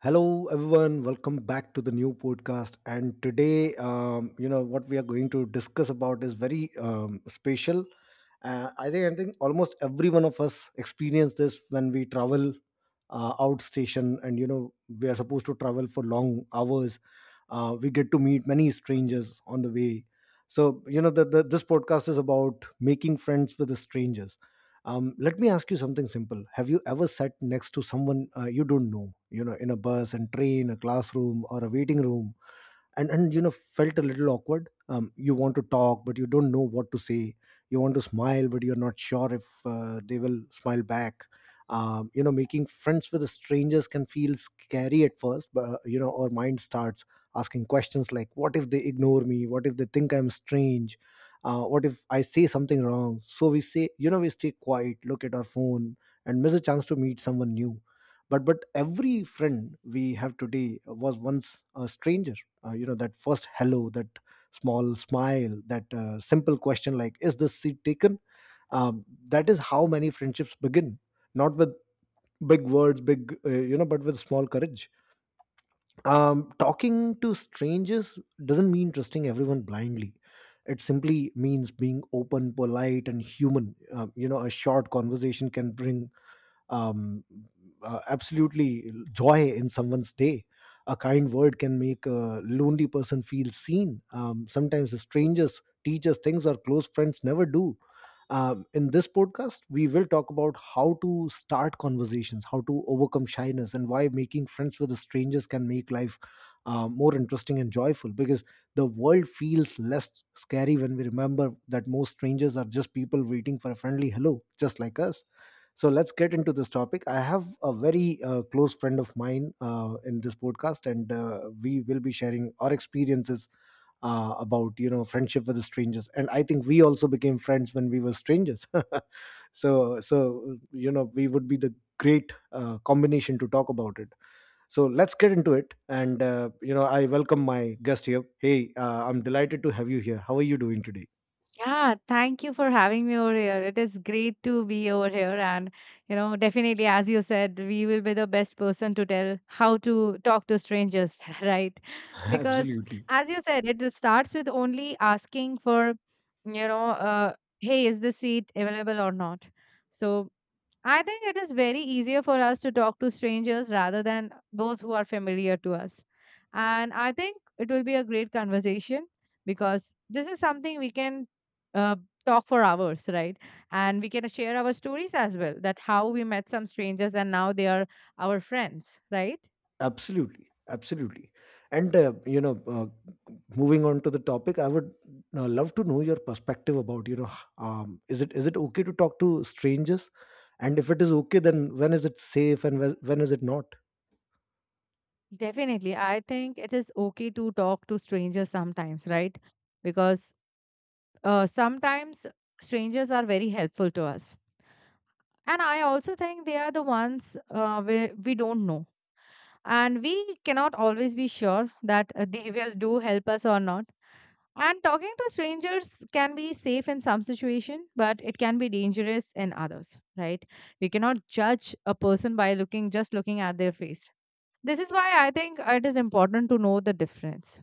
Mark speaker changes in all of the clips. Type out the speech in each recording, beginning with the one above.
Speaker 1: Hello, everyone. Welcome back to the new podcast. And today, what we are going to discuss about is very special. I think almost every one of us experience this when we travel out station, and you know, we are supposed to travel for long hours. We get to meet many strangers on the way. So, you know, this podcast is about making friends with the strangers. Let me ask you something simple. Have you ever sat next to someone you don't know, you know, in a bus and train, a classroom, or a waiting room? And you know felt a little awkward. You want to talk but you don't know what to say. You want to smile but you're not sure if they will smile back. You know, making friends with strangers can feel scary at first, but you know, our mind starts asking questions like, what if they ignore me? What if they think I'm strange? What if I say something wrong? So we say, you know, we stay quiet, look at our phone, and miss a chance to meet someone new. But every friend we have today was once a stranger. You know, that first hello, that small smile, that simple question like, is this seat taken? That is how many friendships begin. Not with big words, big, but with small courage. Talking to strangers doesn't mean trusting everyone blindly. It simply means being open, polite, and human. You know, a short conversation can bring um, absolutely joy in someone's day. A kind word can make a lonely person feel seen. Sometimes strangers teach us things our close friends never do. In this podcast, we will talk about how to start conversations, how to overcome shyness, and why making friends with strangers can make life more interesting and joyful. Because the world feels less scary when we remember that most strangers are just people waiting for a friendly hello, just like us. So let's get into this topic. I have a very close friend of mine in this podcast, and we will be sharing our experiences about, you know, friendship with the strangers. And I think we also became friends when we were strangers. So, you know, we would be the great combination to talk about it. So let's get into it. And you know, I welcome my guest here. Hey, I'm delighted to have you here. How are you doing today?
Speaker 2: Yeah, thank you for having me over here. It is great to be over here. And, you know, definitely, as you said, we will be the best person to tell how to talk to strangers, right? Because,
Speaker 1: Absolutely,
Speaker 2: as you said, it just starts with only asking for, you know, hey, is this seat available or not? So, I think it is very easier for us to talk to strangers rather than those who are familiar to us. And I think it will be a great conversation because this is something we can uh, talk for hours, right? And we can share our stories as well that how we met some strangers and now they are our friends, right?
Speaker 1: absolutely, absolutely. And moving on to the topic, I would love to know your perspective about, you know, is it, is it okay to talk to strangers, and if it is okay, then when is it safe and when is it not?
Speaker 2: Definitely. I think it is okay to talk to strangers sometimes, right? Because sometimes strangers are very helpful to us. And I also think they are the ones we don't know. And we cannot always be sure that they will do help us or not. And talking to strangers can be safe in some situation, but it can be dangerous in others, right? We cannot judge a person by looking just looking at their face. This is why I think it is important to know the difference.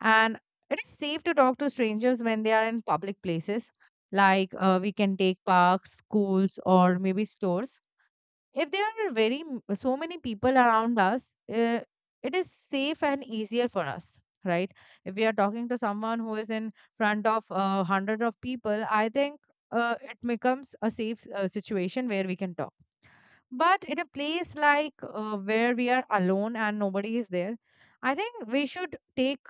Speaker 2: And it is safe to talk to strangers when they are in public places, like we can take parks, schools, or maybe stores. If there are so many people around us, it is safe and easier for us, right? If we are talking to someone who is in front of hundred of people, I think it becomes a safe situation where we can talk. But in a place like where we are alone and nobody is there, I think we should take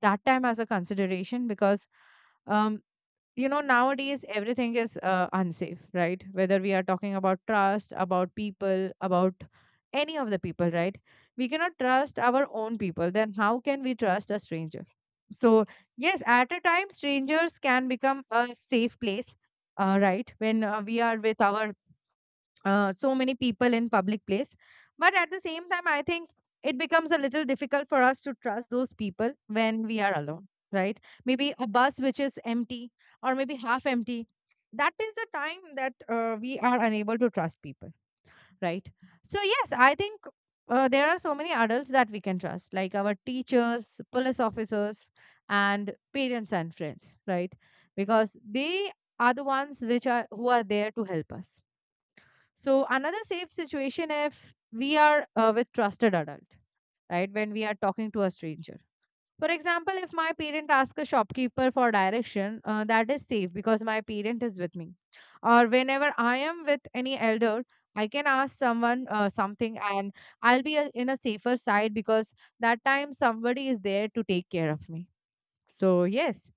Speaker 2: that time as a consideration because, um, you know, nowadays everything is unsafe, right? Whether we are talking about trust, about people, about any of the people, right? We cannot trust our own people. Then how can we trust a stranger? So, yes, at a time, strangers can become a safe place, right? When we are with our so many people in public place, but at the same time I think it becomes a little difficult for us to trust those people when we are alone, right? Maybe a bus which is empty or maybe half empty, that is the time that we are unable to trust people, right? So yes, I think there are so many adults that we can trust, like our teachers, police officers, and parents and friends, right? Because they are the ones which are who are there to help us. So another safe situation if we are with trusted adult, right? When we are talking to a stranger. For example, if my parent asks a shopkeeper for direction, that is safe because my parent is with me. Or whenever I am with any elder, I can ask someone something and I'll be in a safer side because that time somebody is there to take care of me. So yes,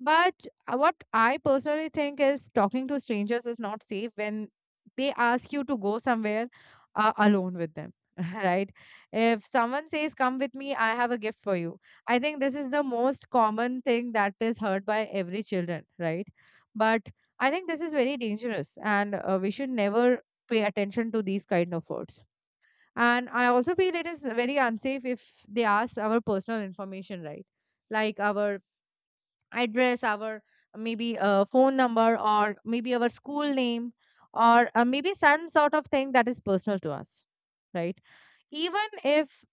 Speaker 2: but what I personally think is talking to strangers is not safe when they ask you to go somewhere alone with them, right? If someone says, "Come with me, I have a gift for you." I think this is the most common thing that is heard by every children, right? But I think this is very dangerous and we should never pay attention to these kind of words. And I also feel it is very unsafe if they ask our personal information, right? Like our address, our maybe phone number, or maybe our school name, or maybe some sort of thing that is personal to us, right? Even if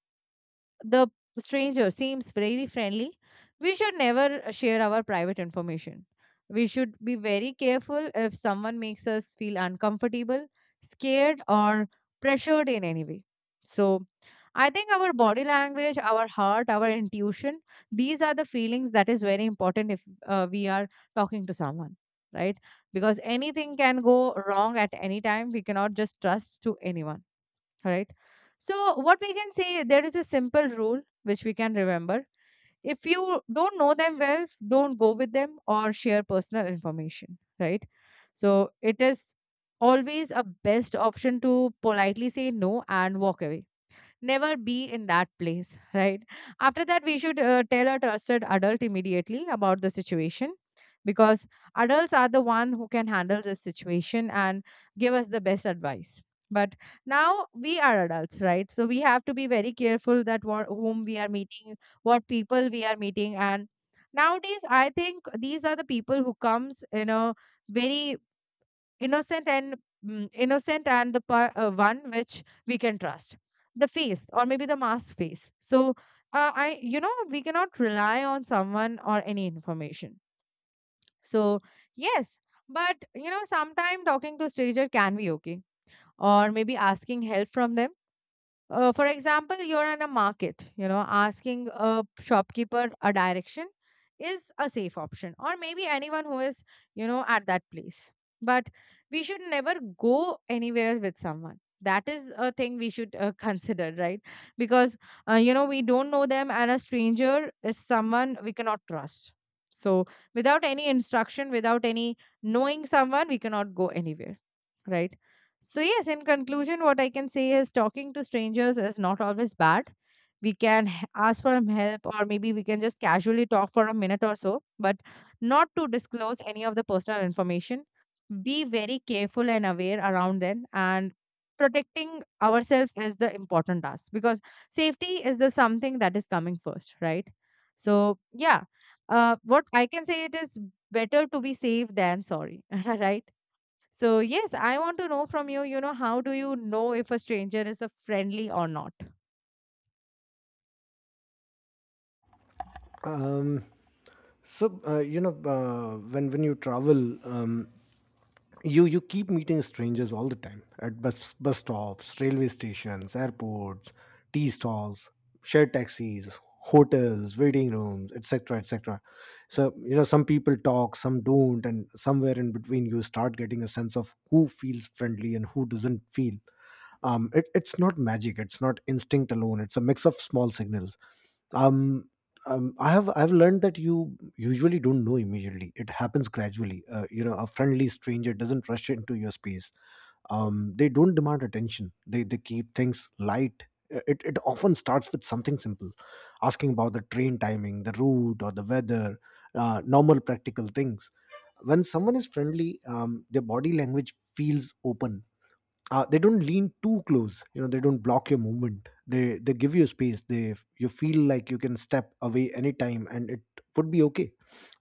Speaker 2: the stranger seems very friendly, we should never share our private information. We should be very careful if someone makes us feel uncomfortable, scared, or pressured in any way. So, I think our body language, our heart, our intuition, these are the feelings that is very important if we are talking to someone, right? Because anything can go wrong at any time. We cannot just trust to anyone, right? So what we can say, there is a simple rule which we can remember: if you don't know them well, don't go with them or share personal information, right? So it is always a best option to politely say no and walk away, never be in that place, right? After that, we should tell a trusted adult immediately about the situation because adults are the one who can handle this situation and give us the best advice. But now we are adults, right? So we have to be very careful that whom we are meeting, what people we are meeting, and nowadays I think these are the people who comes in a very innocent and one which we can trust, the face or maybe the mask face. So I you know, we cannot rely on someone or any information. So yes, but you know, sometimes talking to stranger can be okay, or maybe asking help from them. For example, you're in a market, you know, asking a shopkeeper a direction is a safe option, or maybe anyone who is, you know, at that place. But we should never go anywhere with someone. That is a thing we should consider, right? Because, you know, we don't know them, and a stranger is someone we cannot trust. So, without any instruction, without any knowing someone, we cannot go anywhere, right? So, yes, in conclusion, what I can say is talking to strangers is not always bad. We can ask for help, or maybe we can just casually talk for a minute or so, but not to disclose any of the personal information. Be very careful and aware around them, and protecting ourselves is the important task because safety is the something that is coming first, right? So, yeah, what I can say it is better to be safe than sorry, right? So, yes, I want to know from you, you know, how do you know if a stranger is a friendly or not?
Speaker 1: um so, you know, when you travel, um you, you keep meeting strangers all the time at bus stops, railway stations, airports, tea stalls, shared taxis, hotels, waiting rooms, etc., etc. So, you know, some people talk, some don't, and somewhere in between you start getting a sense of who feels friendly and who doesn't feel. It's not magic, it's not instinct alone, it's a mix of small signals. um, I've learned that you usually don't know immediately, it happens gradually. You know, a friendly stranger doesn't rush into your space. They don't demand attention, they keep things light. It often starts with something simple, asking about the train timing, the route, or the weather. Normal, practical things. When someone is friendly, their body language feels open. They don't lean too close, you know, they don't block your movement, they give you space, they you feel like you can step away anytime and it would be okay.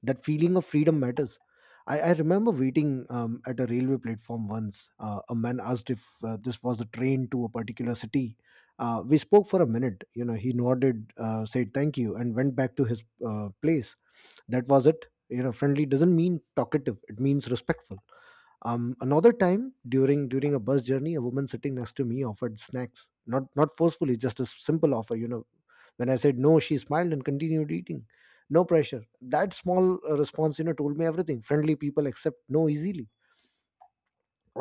Speaker 1: That feeling of freedom matters. I remember waiting at a railway platform once. A man asked if this was a train to a particular city. We spoke for a minute, you know, he nodded, said thank you, and went back to his place. That was it. You know, friendly doesn't mean talkative, it means respectful. Another time, during a bus journey, a woman sitting next to me offered snacks, not forcefully, just a simple offer. You know, when I said no, she smiled and continued eating. No pressure. That small response, you know, told me everything. Friendly people accept no easily.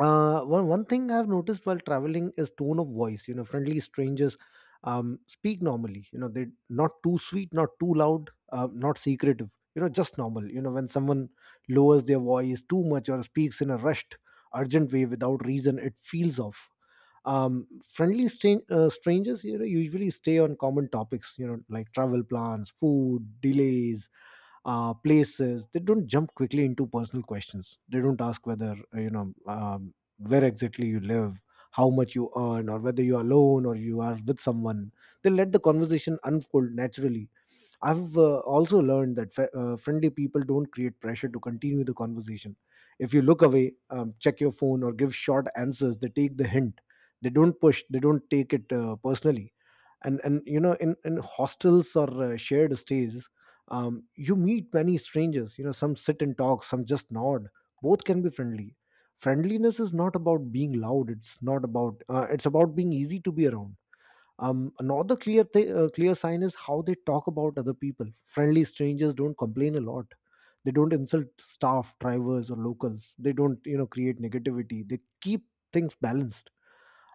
Speaker 1: One thing I've noticed while traveling is tone of voice. You know, friendly strangers speak normally. You know, they're not too sweet, not too loud, not secretive. You know, just normal. You know, when someone lowers their voice too much or speaks in a rushed, urgent way without reason, it feels off. Friendly strangers, you know, usually stay on common topics. You know, like travel plans, food, delays, places. They don't jump quickly into personal questions. They don't ask whether where exactly you live, how much you earn, or whether you're alone or you are with someone. They let the conversation unfold naturally. I've also learned that friendly people don't create pressure to continue the conversation. If you look away, check your phone, or give short answers, they take the hint. They don't push. They don't take it personally. And you know, in hostels or shared stays, you meet many strangers. You know, some sit and talk, some just nod. Both can be friendly. Friendliness is not about being loud. It's not about. It's about being easy to be around. Another clear clear sign is how they talk about other people. Friendly strangers don't complain a lot. They don't insult staff, drivers, or locals. They don't, you know, create negativity. They keep things balanced.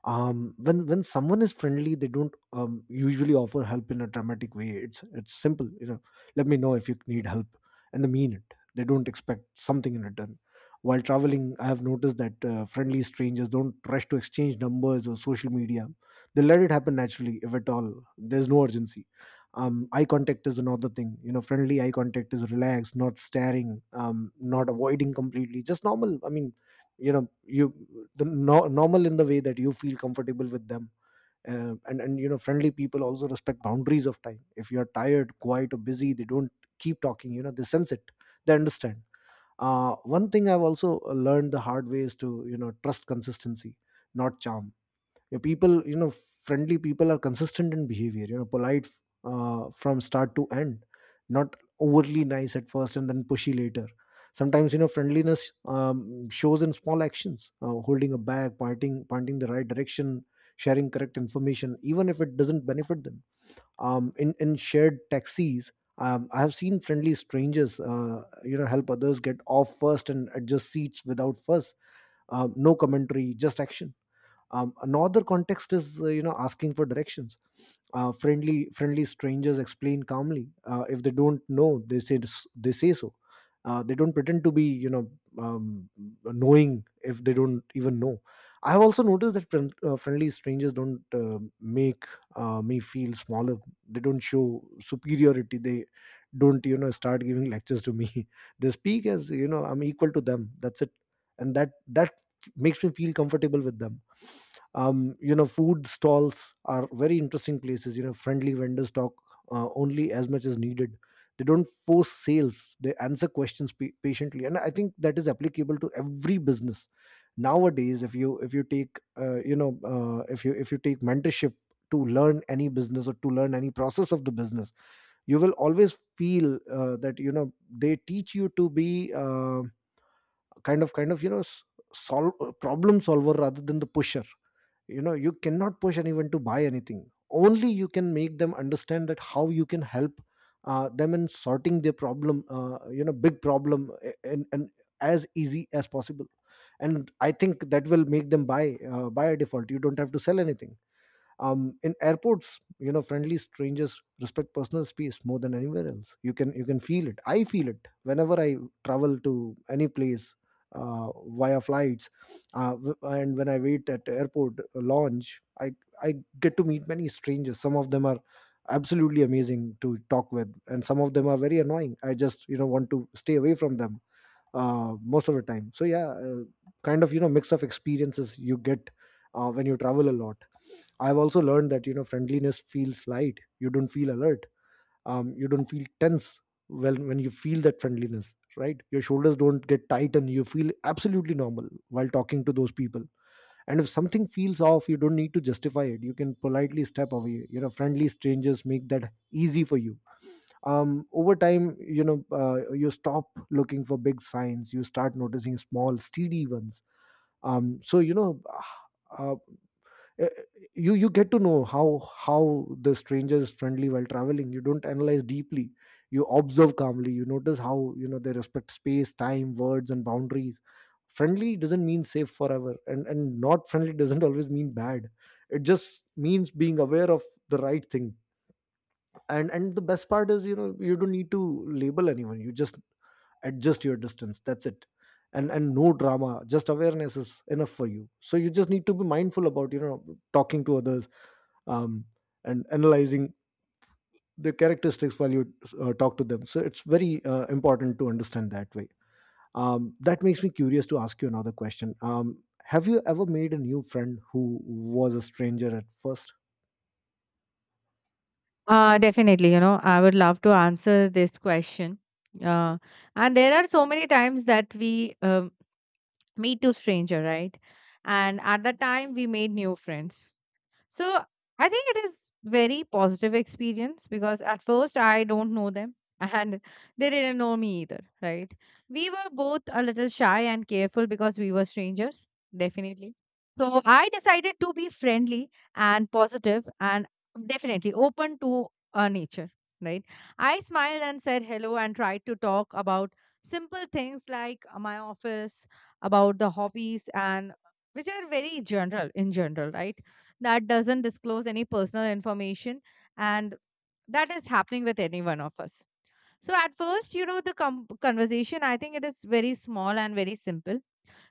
Speaker 1: When someone is friendly, they don't usually offer help in a dramatic way. It's simple, you know, let me know if you need help. And they mean it. They don't expect something in return. While traveling, I have noticed that friendly strangers don't rush to exchange numbers or social media. They let it happen naturally, if at all. There's no urgency. Eye contact is another thing. You know, friendly eye contact is relaxed, not staring, not avoiding completely, just normal. I mean, you know, you the, no, normal in the way that you feel comfortable with them. And you know, friendly people also respect boundaries of time. If you are tired, quiet, or busy, they don't keep talking. You know, they sense it. They understand. One thing I've also learned the hard way is to, you know, trust consistency, not charm. Your people, you know, friendly people are consistent in behavior. You know, polite from start to end, not overly nice at first and then pushy later. Sometimes, you know, friendliness shows in small actions, holding a bag, pointing the right direction, sharing correct information, even if it doesn't benefit them. In shared taxis, I have seen friendly strangers, you know, help others get off first and adjust seats without fuss. No commentary, just action. Another context is asking for directions. Friendly strangers explain calmly. If they don't know, they say so. They don't pretend to be, um, knowing, if they don't even know. I have also noticed that friendly strangers don't make me feel smaller. They don't show superiority. They don't, start giving lectures to me they speak as, I'm equal to them. That's it. And that makes me feel comfortable with them. You know, food stalls are very interesting places. You know, friendly vendors talk only as much as needed. They don't force sales. They answer questions patiently, and I think that is applicable to every business nowadays. If you take, if you take mentorship to learn any business, or to learn any process of the business, you will always feel that, they teach you to be kind of, solve, problem solver, rather than the pusher. You know, you cannot push anyone to buy anything. Only you can make them understand that how you can help them in sorting their problem, big problem, and as easy as possible. And I think that will make them buy by default. You don't have to sell anything. In airports, friendly strangers respect personal space more than anywhere else. You can feel it. I feel it whenever I travel to any place via flights. And when I wait at airport lounge, I get to meet many strangers. Some of them are absolutely amazing to talk with, and some of them are very annoying. I just, want to stay away from them most of the time. So yeah, kind of, mix of experiences you get when you travel a lot. I've also learned that, friendliness feels light. You don't feel alert. You don't feel tense. Well, when you feel that friendliness, right? Your shoulders don't get tight, and you feel absolutely normal while talking to those people. And if something feels off, you don't need to justify it. You can politely step away. You know, friendly strangers make that easy for you. Over time, you stop looking for big signs. You start noticing small, steady ones. So, you know, uh, uh, you get to know how the stranger is friendly while traveling. You don't analyze deeply. You observe calmly. You notice how, they respect space, time, words, and boundaries. Friendly doesn't mean safe forever, and not friendly doesn't always mean bad. It just means being aware of the right thing. And the best part is you know you don't need to label anyone. You just adjust your distance. That's it. And no drama. Just awareness is enough for you. So you just need to be mindful about, talking to others. um, and analyzing the characteristics while you talk to them. So it's very important to understand that way. That makes me curious to ask you another question. Have you ever made a new friend who was a stranger at first?
Speaker 2: Definitely, you know, I would love to answer this question. Uh, and there are so many times that we meet to stranger, right? And at that time, we made new friends. So I think it is very positive experience because at first I don't know them and they didn't know me either, right? We were both a little shy and careful because we were strangers, definitely. So I decided to be friendly and positive and definitely open to nature, right? I smiled and said hello and tried to talk about simple things like my office, about the hobbies and which are very general in general, right? That doesn't disclose any personal information and that is happening with any one of us. So at first, you know, the conversation, I think it is very small and very simple.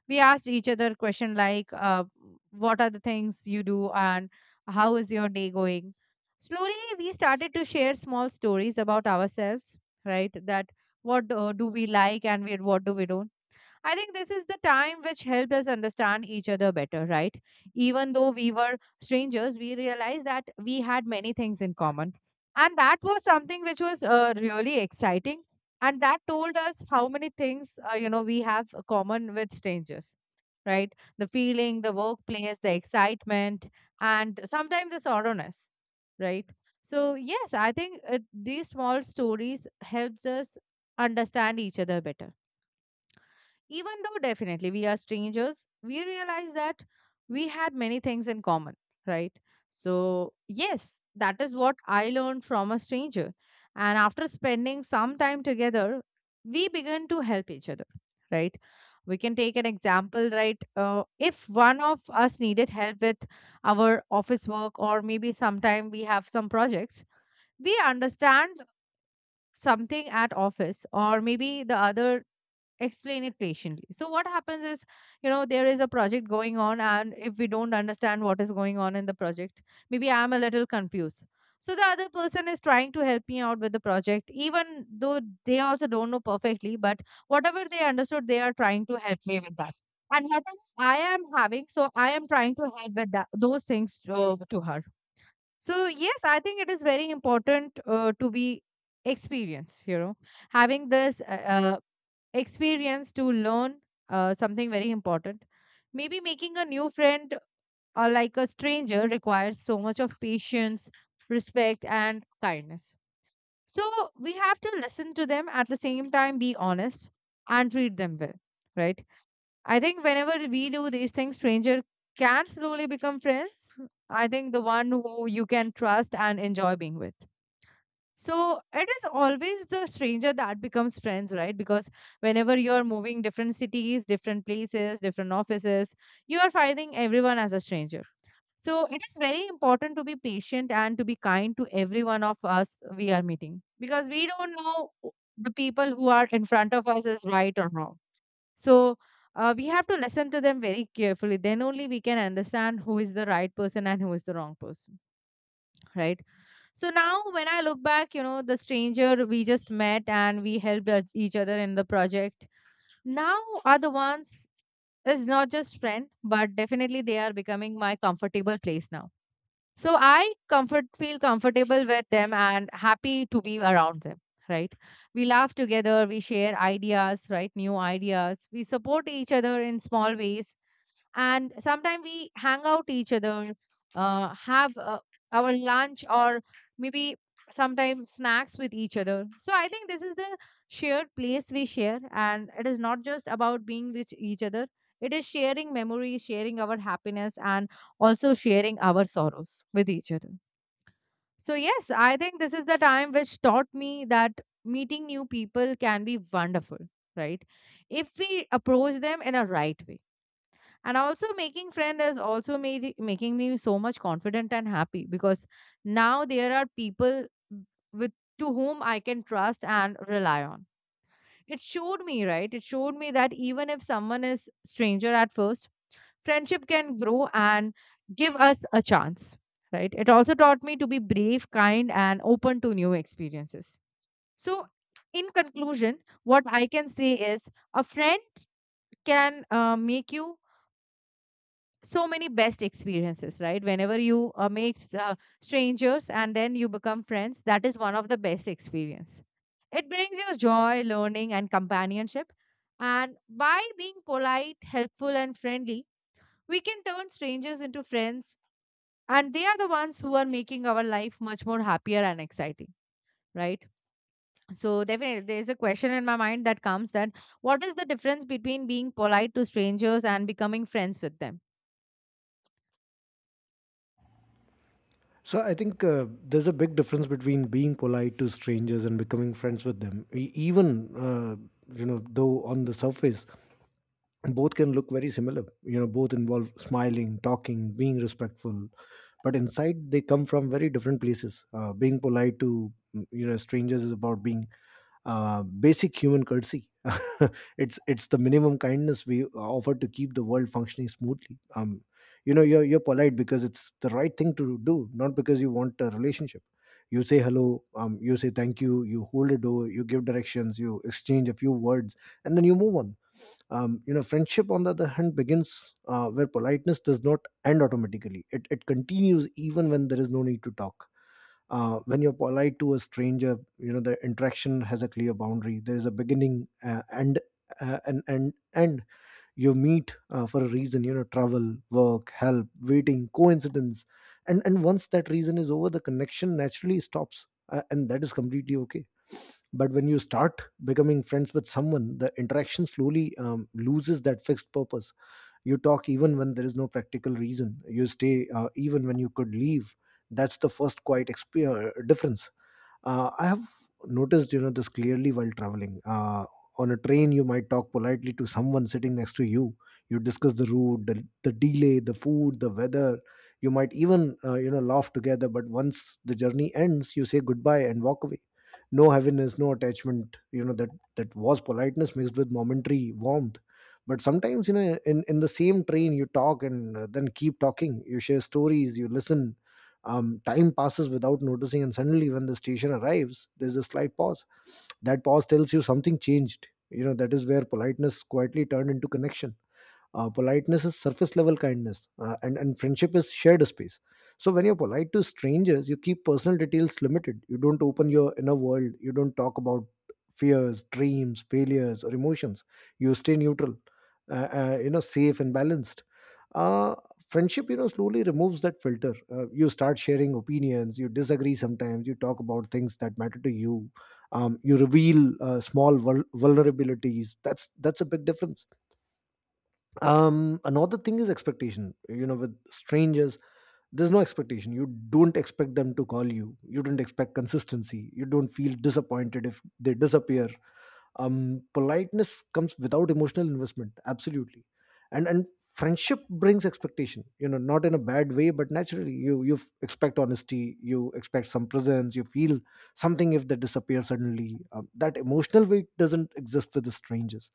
Speaker 2: We asked each other question like what are the things you do and how is your day going. Slowly we started to share small stories about ourselves, right? That what do we like and what do we don't. I think this is the time which helped us understand each other better, right? Even though we were strangers, we realized that we had many things in common. And that was something which was really exciting. And that told us how many things, you know, we have common with strangers, right? The feeling, the workplace, the excitement, and sometimes the sorrowness, right? So, yes, I think these small stories helps us understand each other better. Even though definitely we are strangers, we realized that we had many things in common, right? So, yes, that is what I learned from a stranger. And after spending some time together, we began to help each other, right? We can take an example, right? If one of us needed help with our office work, or maybe sometime we have some projects, we understand something at office or maybe the other explain it patiently. So what happens is, you know, there is a project going on, and if we don't understand what is going on in the project, maybe I'm a little confused. So the other person is trying to help me out with the project, even though they also don't know perfectly, but whatever they understood, they are trying to help me with that. And what I am having, so I am trying to help with that, those things to her. So yes, I think it is very important to be experienced. You know, having this experience to learn something very important. Maybe making a new friend or like a stranger requires so much of patience, respect, and kindness. So we have to listen to them at the same time, be honest, and treat them well, right? I think whenever we do these things, stranger can slowly become friends. I think the one who you can trust and enjoy being with. So it is always the stranger that becomes friends, right? Because whenever you're moving different cities, different places, different offices, you are finding everyone as a stranger. So it is very important to be patient and to be kind to every one of us we are meeting because we don't know the people who are in front of us is right or wrong. So we have to listen to them very carefully. Then only we can understand who is the right person and who is the wrong person, right? So now, when I look back, you know, the stranger we just met and we helped each other in the project now are the ones, it's not just friend, but definitely they are becoming my comfortable place now. So I comfort feel comfortable with them and happy to be around them, right? We laugh together, we share ideas, right? New ideas. We support each other in small ways and sometimes we hang out each other, have our lunch or maybe sometimes snacks with each other. So I think this is the shared place we share, and it is not just about being with each other, it is sharing memories, sharing our happiness, and also sharing our sorrows with each other. So yes, I think this is the time which taught me that meeting new people can be wonderful, right? If we approach them in a right way. And also making friend has also making me so much confident and happy because now there are people with to whom I can trust and rely on. It showed me, right? It showed me that even if someone is stranger at first, friendship can grow and give us a chance, right? It also taught me to be brave, kind, and open to new experiences. So in conclusion, what I can say is a friend can make you so many best experiences, right? Whenever you make strangers and then you become friends, that is one of the best experience. It brings you joy, learning, and companionship. And by being polite, helpful, and friendly, we can turn strangers into friends, and they are the ones who are making our life much more happier and exciting, right? So definitely there's a question in my mind that comes that what is the difference between being polite to strangers and becoming friends with them?
Speaker 1: So I think there's a big difference between being polite to strangers and becoming friends with them. Even, though, on the surface, both can look very similar. You know, both involve smiling, talking, being respectful, but inside they come from very different places. Being polite to, strangers, is about being basic human courtesy. It's the minimum kindness we offer to keep the world functioning smoothly. You're polite because it's the right thing to do, not because you want a relationship. You say hello, you say thank you, you hold a door, you give directions, you exchange a few words, and then you move on. Friendship, on the other hand, begins where politeness does not end automatically. It continues even when there is no need to talk. When you're polite to a stranger, the interaction has a clear boundary. There is a beginning and you meet for a reason. You know, travel, work, help, waiting, coincidence, and once that reason is over, the connection naturally stops, and that is completely okay. But when you start becoming friends with someone, the interaction slowly loses that fixed purpose. You talk even when there is no practical reason. You stay even when you could leave. That's the first quiet difference. I have noticed, you know, this clearly while traveling. On a train, you might talk politely to someone sitting next to you. You discuss the route, the delay, the food, the weather. You might even, laugh together. But once the journey ends, you say goodbye and walk away. No heaviness, no attachment. You know that was politeness mixed with momentary warmth. But sometimes, you know, in the same train, you talk, and then keep talking. You share stories. You listen. Time passes without noticing, and suddenly when the station arrives, there's a slight pause. That pause tells you something changed. You know, that is where politeness quietly turned into connection. Politeness is surface level kindness, and friendship is shared space. So when you're polite to strangers, you keep personal details limited. You don't open your inner world. You don't talk about fears, dreams, failures, or emotions. You stay neutral, safe and balanced. uh, Friendship, slowly removes that filter. You start sharing opinions. You disagree sometimes. You talk about things that matter to you. You reveal small vulnerabilities. That's a big difference. Another thing is expectation. You know, with strangers there's no expectation. You don't expect them to call you. You don't expect consistency. You don't feel disappointed if they disappear. Politeness comes without emotional investment, absolutely. And friendship brings expectation, not in a bad way, but naturally. You expect honesty. You expect some presence. You feel something if they disappear suddenly. That emotional weight doesn't exist with the strangers.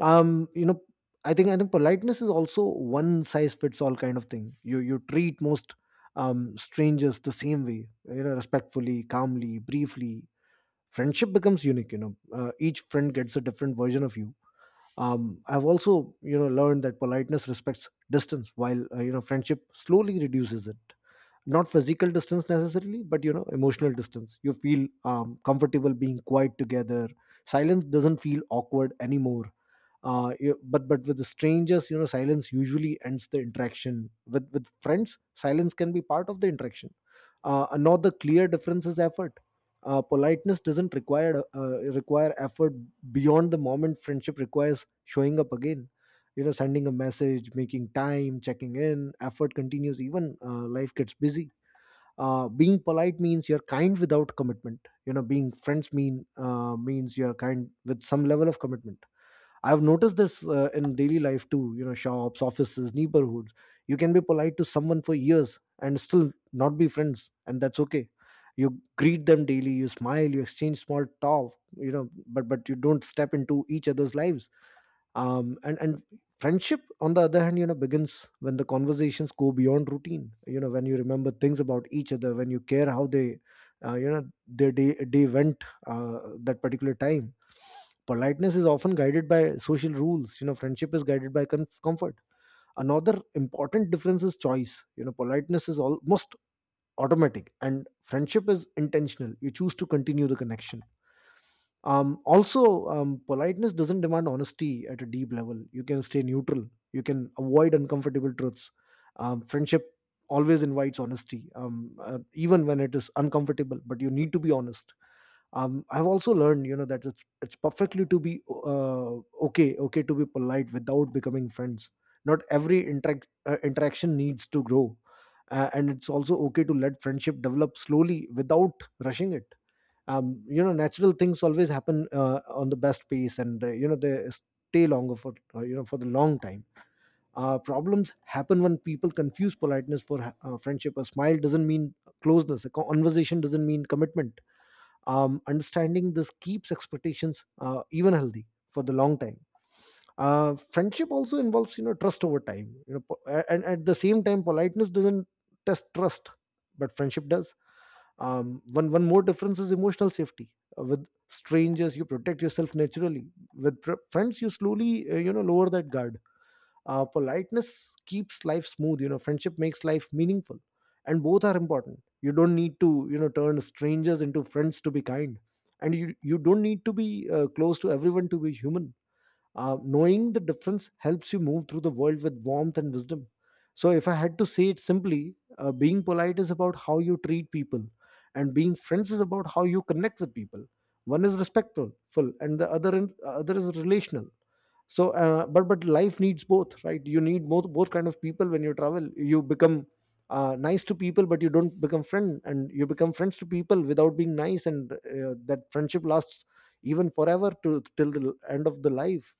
Speaker 1: You know, I think politeness is also one size fits all kind of thing. You treat most strangers the same way, respectfully, calmly, briefly. Friendship becomes unique. Each friend gets a different version of you. I've also, learned that politeness respects distance, while friendship slowly reduces it. Not physical distance necessarily, but, emotional distance. You feel comfortable being quiet together. Silence doesn't feel awkward anymore. But with the strangers, silence usually ends the interaction. With friends, silence can be part of the interaction. Another clear difference is effort. Politeness doesn't require effort beyond the moment. Friendship requires showing up again. You know, sending a message, making time, checking in. Effort continues even life gets busy. Being polite means you're kind without commitment. You know, being friends means you're kind with some level of commitment. I've noticed this in daily life too, you know, shops, offices, neighborhoods. You can be polite to someone for years and still not be friends, and that's okay. You greet them daily, you smile, you exchange small talk, you know, but you don't step into each other's lives. And friendship, on the other hand, you know, begins when the conversations go beyond routine. You know, when you remember things about each other, when you care how they, their day went that particular time. Politeness is often guided by social rules. You know, friendship is guided by comfort. Another important difference is choice. You know, politeness is almost automatic, and friendship is intentional. You choose to continue the connection. Also, politeness doesn't demand honesty at a deep level. You can stay neutral. You can avoid uncomfortable truths. Friendship always invites honesty. Even when it is uncomfortable, but you need to be honest. I've also learned, you know, that it's perfectly to be okay to be polite without becoming friends. Not every interaction needs to grow. And it's also okay to let friendship develop slowly without rushing it. You know, natural things always happen on the best pace, and, they stay longer for, for the long time. Problems happen when people confuse politeness for friendship. A smile doesn't mean closeness. A conversation doesn't mean commitment. Understanding this keeps expectations even healthy for the long time. Friendship also involves, you know, trust over time. You know, and at the same time, politeness doesn't test trust, but friendship does. One more difference is emotional safety. With strangers, you protect yourself naturally. With friends, you slowly, lower that guard. Politeness keeps life smooth. You know, friendship makes life meaningful, and both are important. You don't need to, turn strangers into friends to be kind, and you don't need to be close to everyone to be human. Knowing the difference helps you move through the world with warmth and wisdom. So if I had to say it simply, being polite is about how you treat people, and being friends is about how you connect with people. One is respectful full, and the other other is relational. So but life needs both, right? You need both, both kind of people. When you travel, you become nice to people, but you don't become friend, and you become friends to people without being nice, and that friendship lasts even forever, to till the end of the life,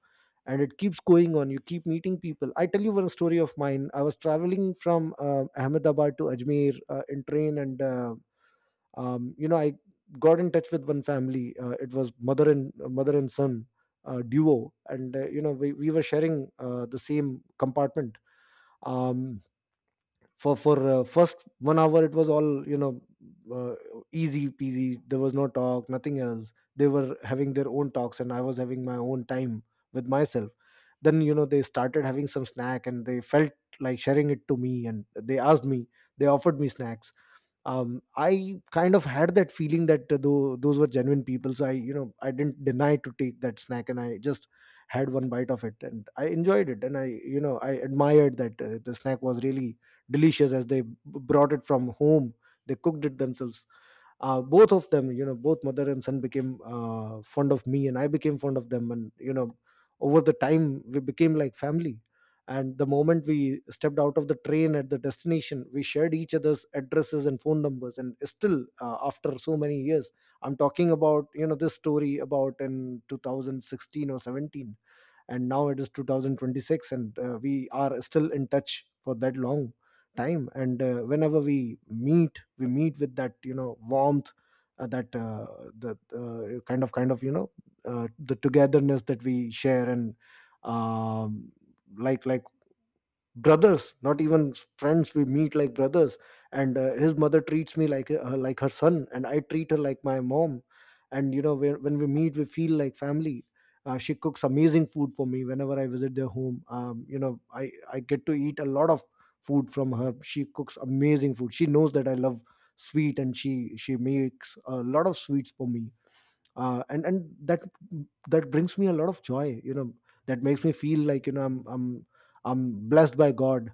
Speaker 1: and it keeps going on. You keep meeting people. I tell you one story of mine. I was traveling from Ahmedabad to Ajmer in train, and I got in touch with one family. It was mother and son duo, and, you know, we were sharing the same compartment. um, for first 1 hour, it was all, you know, uh, easy peasy. There was no talk, nothing else. They were having their own talks, and I was having my own time with myself. Then, you know, they started having some snack, and they felt like sharing it to me, and they offered me snacks. I kind of had that feeling that, though those were genuine people, so I, you know, I didn't deny to take that snack, and I just had one bite of it, and I enjoyed it, and I, you know, I admired that, the snack was really delicious, as they brought it from home. They cooked it themselves. Both of them, you know, both mother and son, became fond of me, and I became fond of them, and, you know, over the time we became like family. And the moment we stepped out of the train at the destination, we shared each other's addresses and phone numbers, and still, after so many years — I'm talking about, you know, this story about in 2016 or 17, and now it is 2026 — and we are still in touch for that long time. And whenever we meet, we meet with that, you know, warmth, that the kind of, you know, the togetherness that we share. And, um, like brothers, not even friends. We meet like brothers. And his mother treats me like, like her son, and I treat her like my mom. And, you know, when we meet, we feel like family. She cooks amazing food for me whenever I visit their home. You know, I get to eat a lot of food from her. She cooks amazing food. She knows that I love sweet, and she makes a lot of sweets for me. And that brings me a lot of joy. You know, that makes me feel like, you know, I'm blessed by God.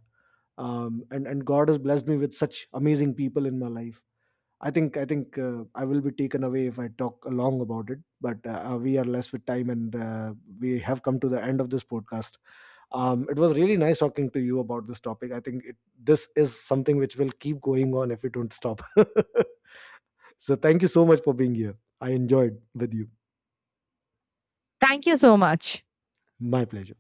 Speaker 1: And God has blessed me with such amazing people in my life. I think I will be taken away if I talk long about it, but, we are less with time, and we have come to the end of this podcast. It was really nice talking to you about this topic. This is something which will keep going on if we don't stop. So thank you so much for being here. I enjoyed with you.
Speaker 2: Thank you so much.
Speaker 1: My pleasure.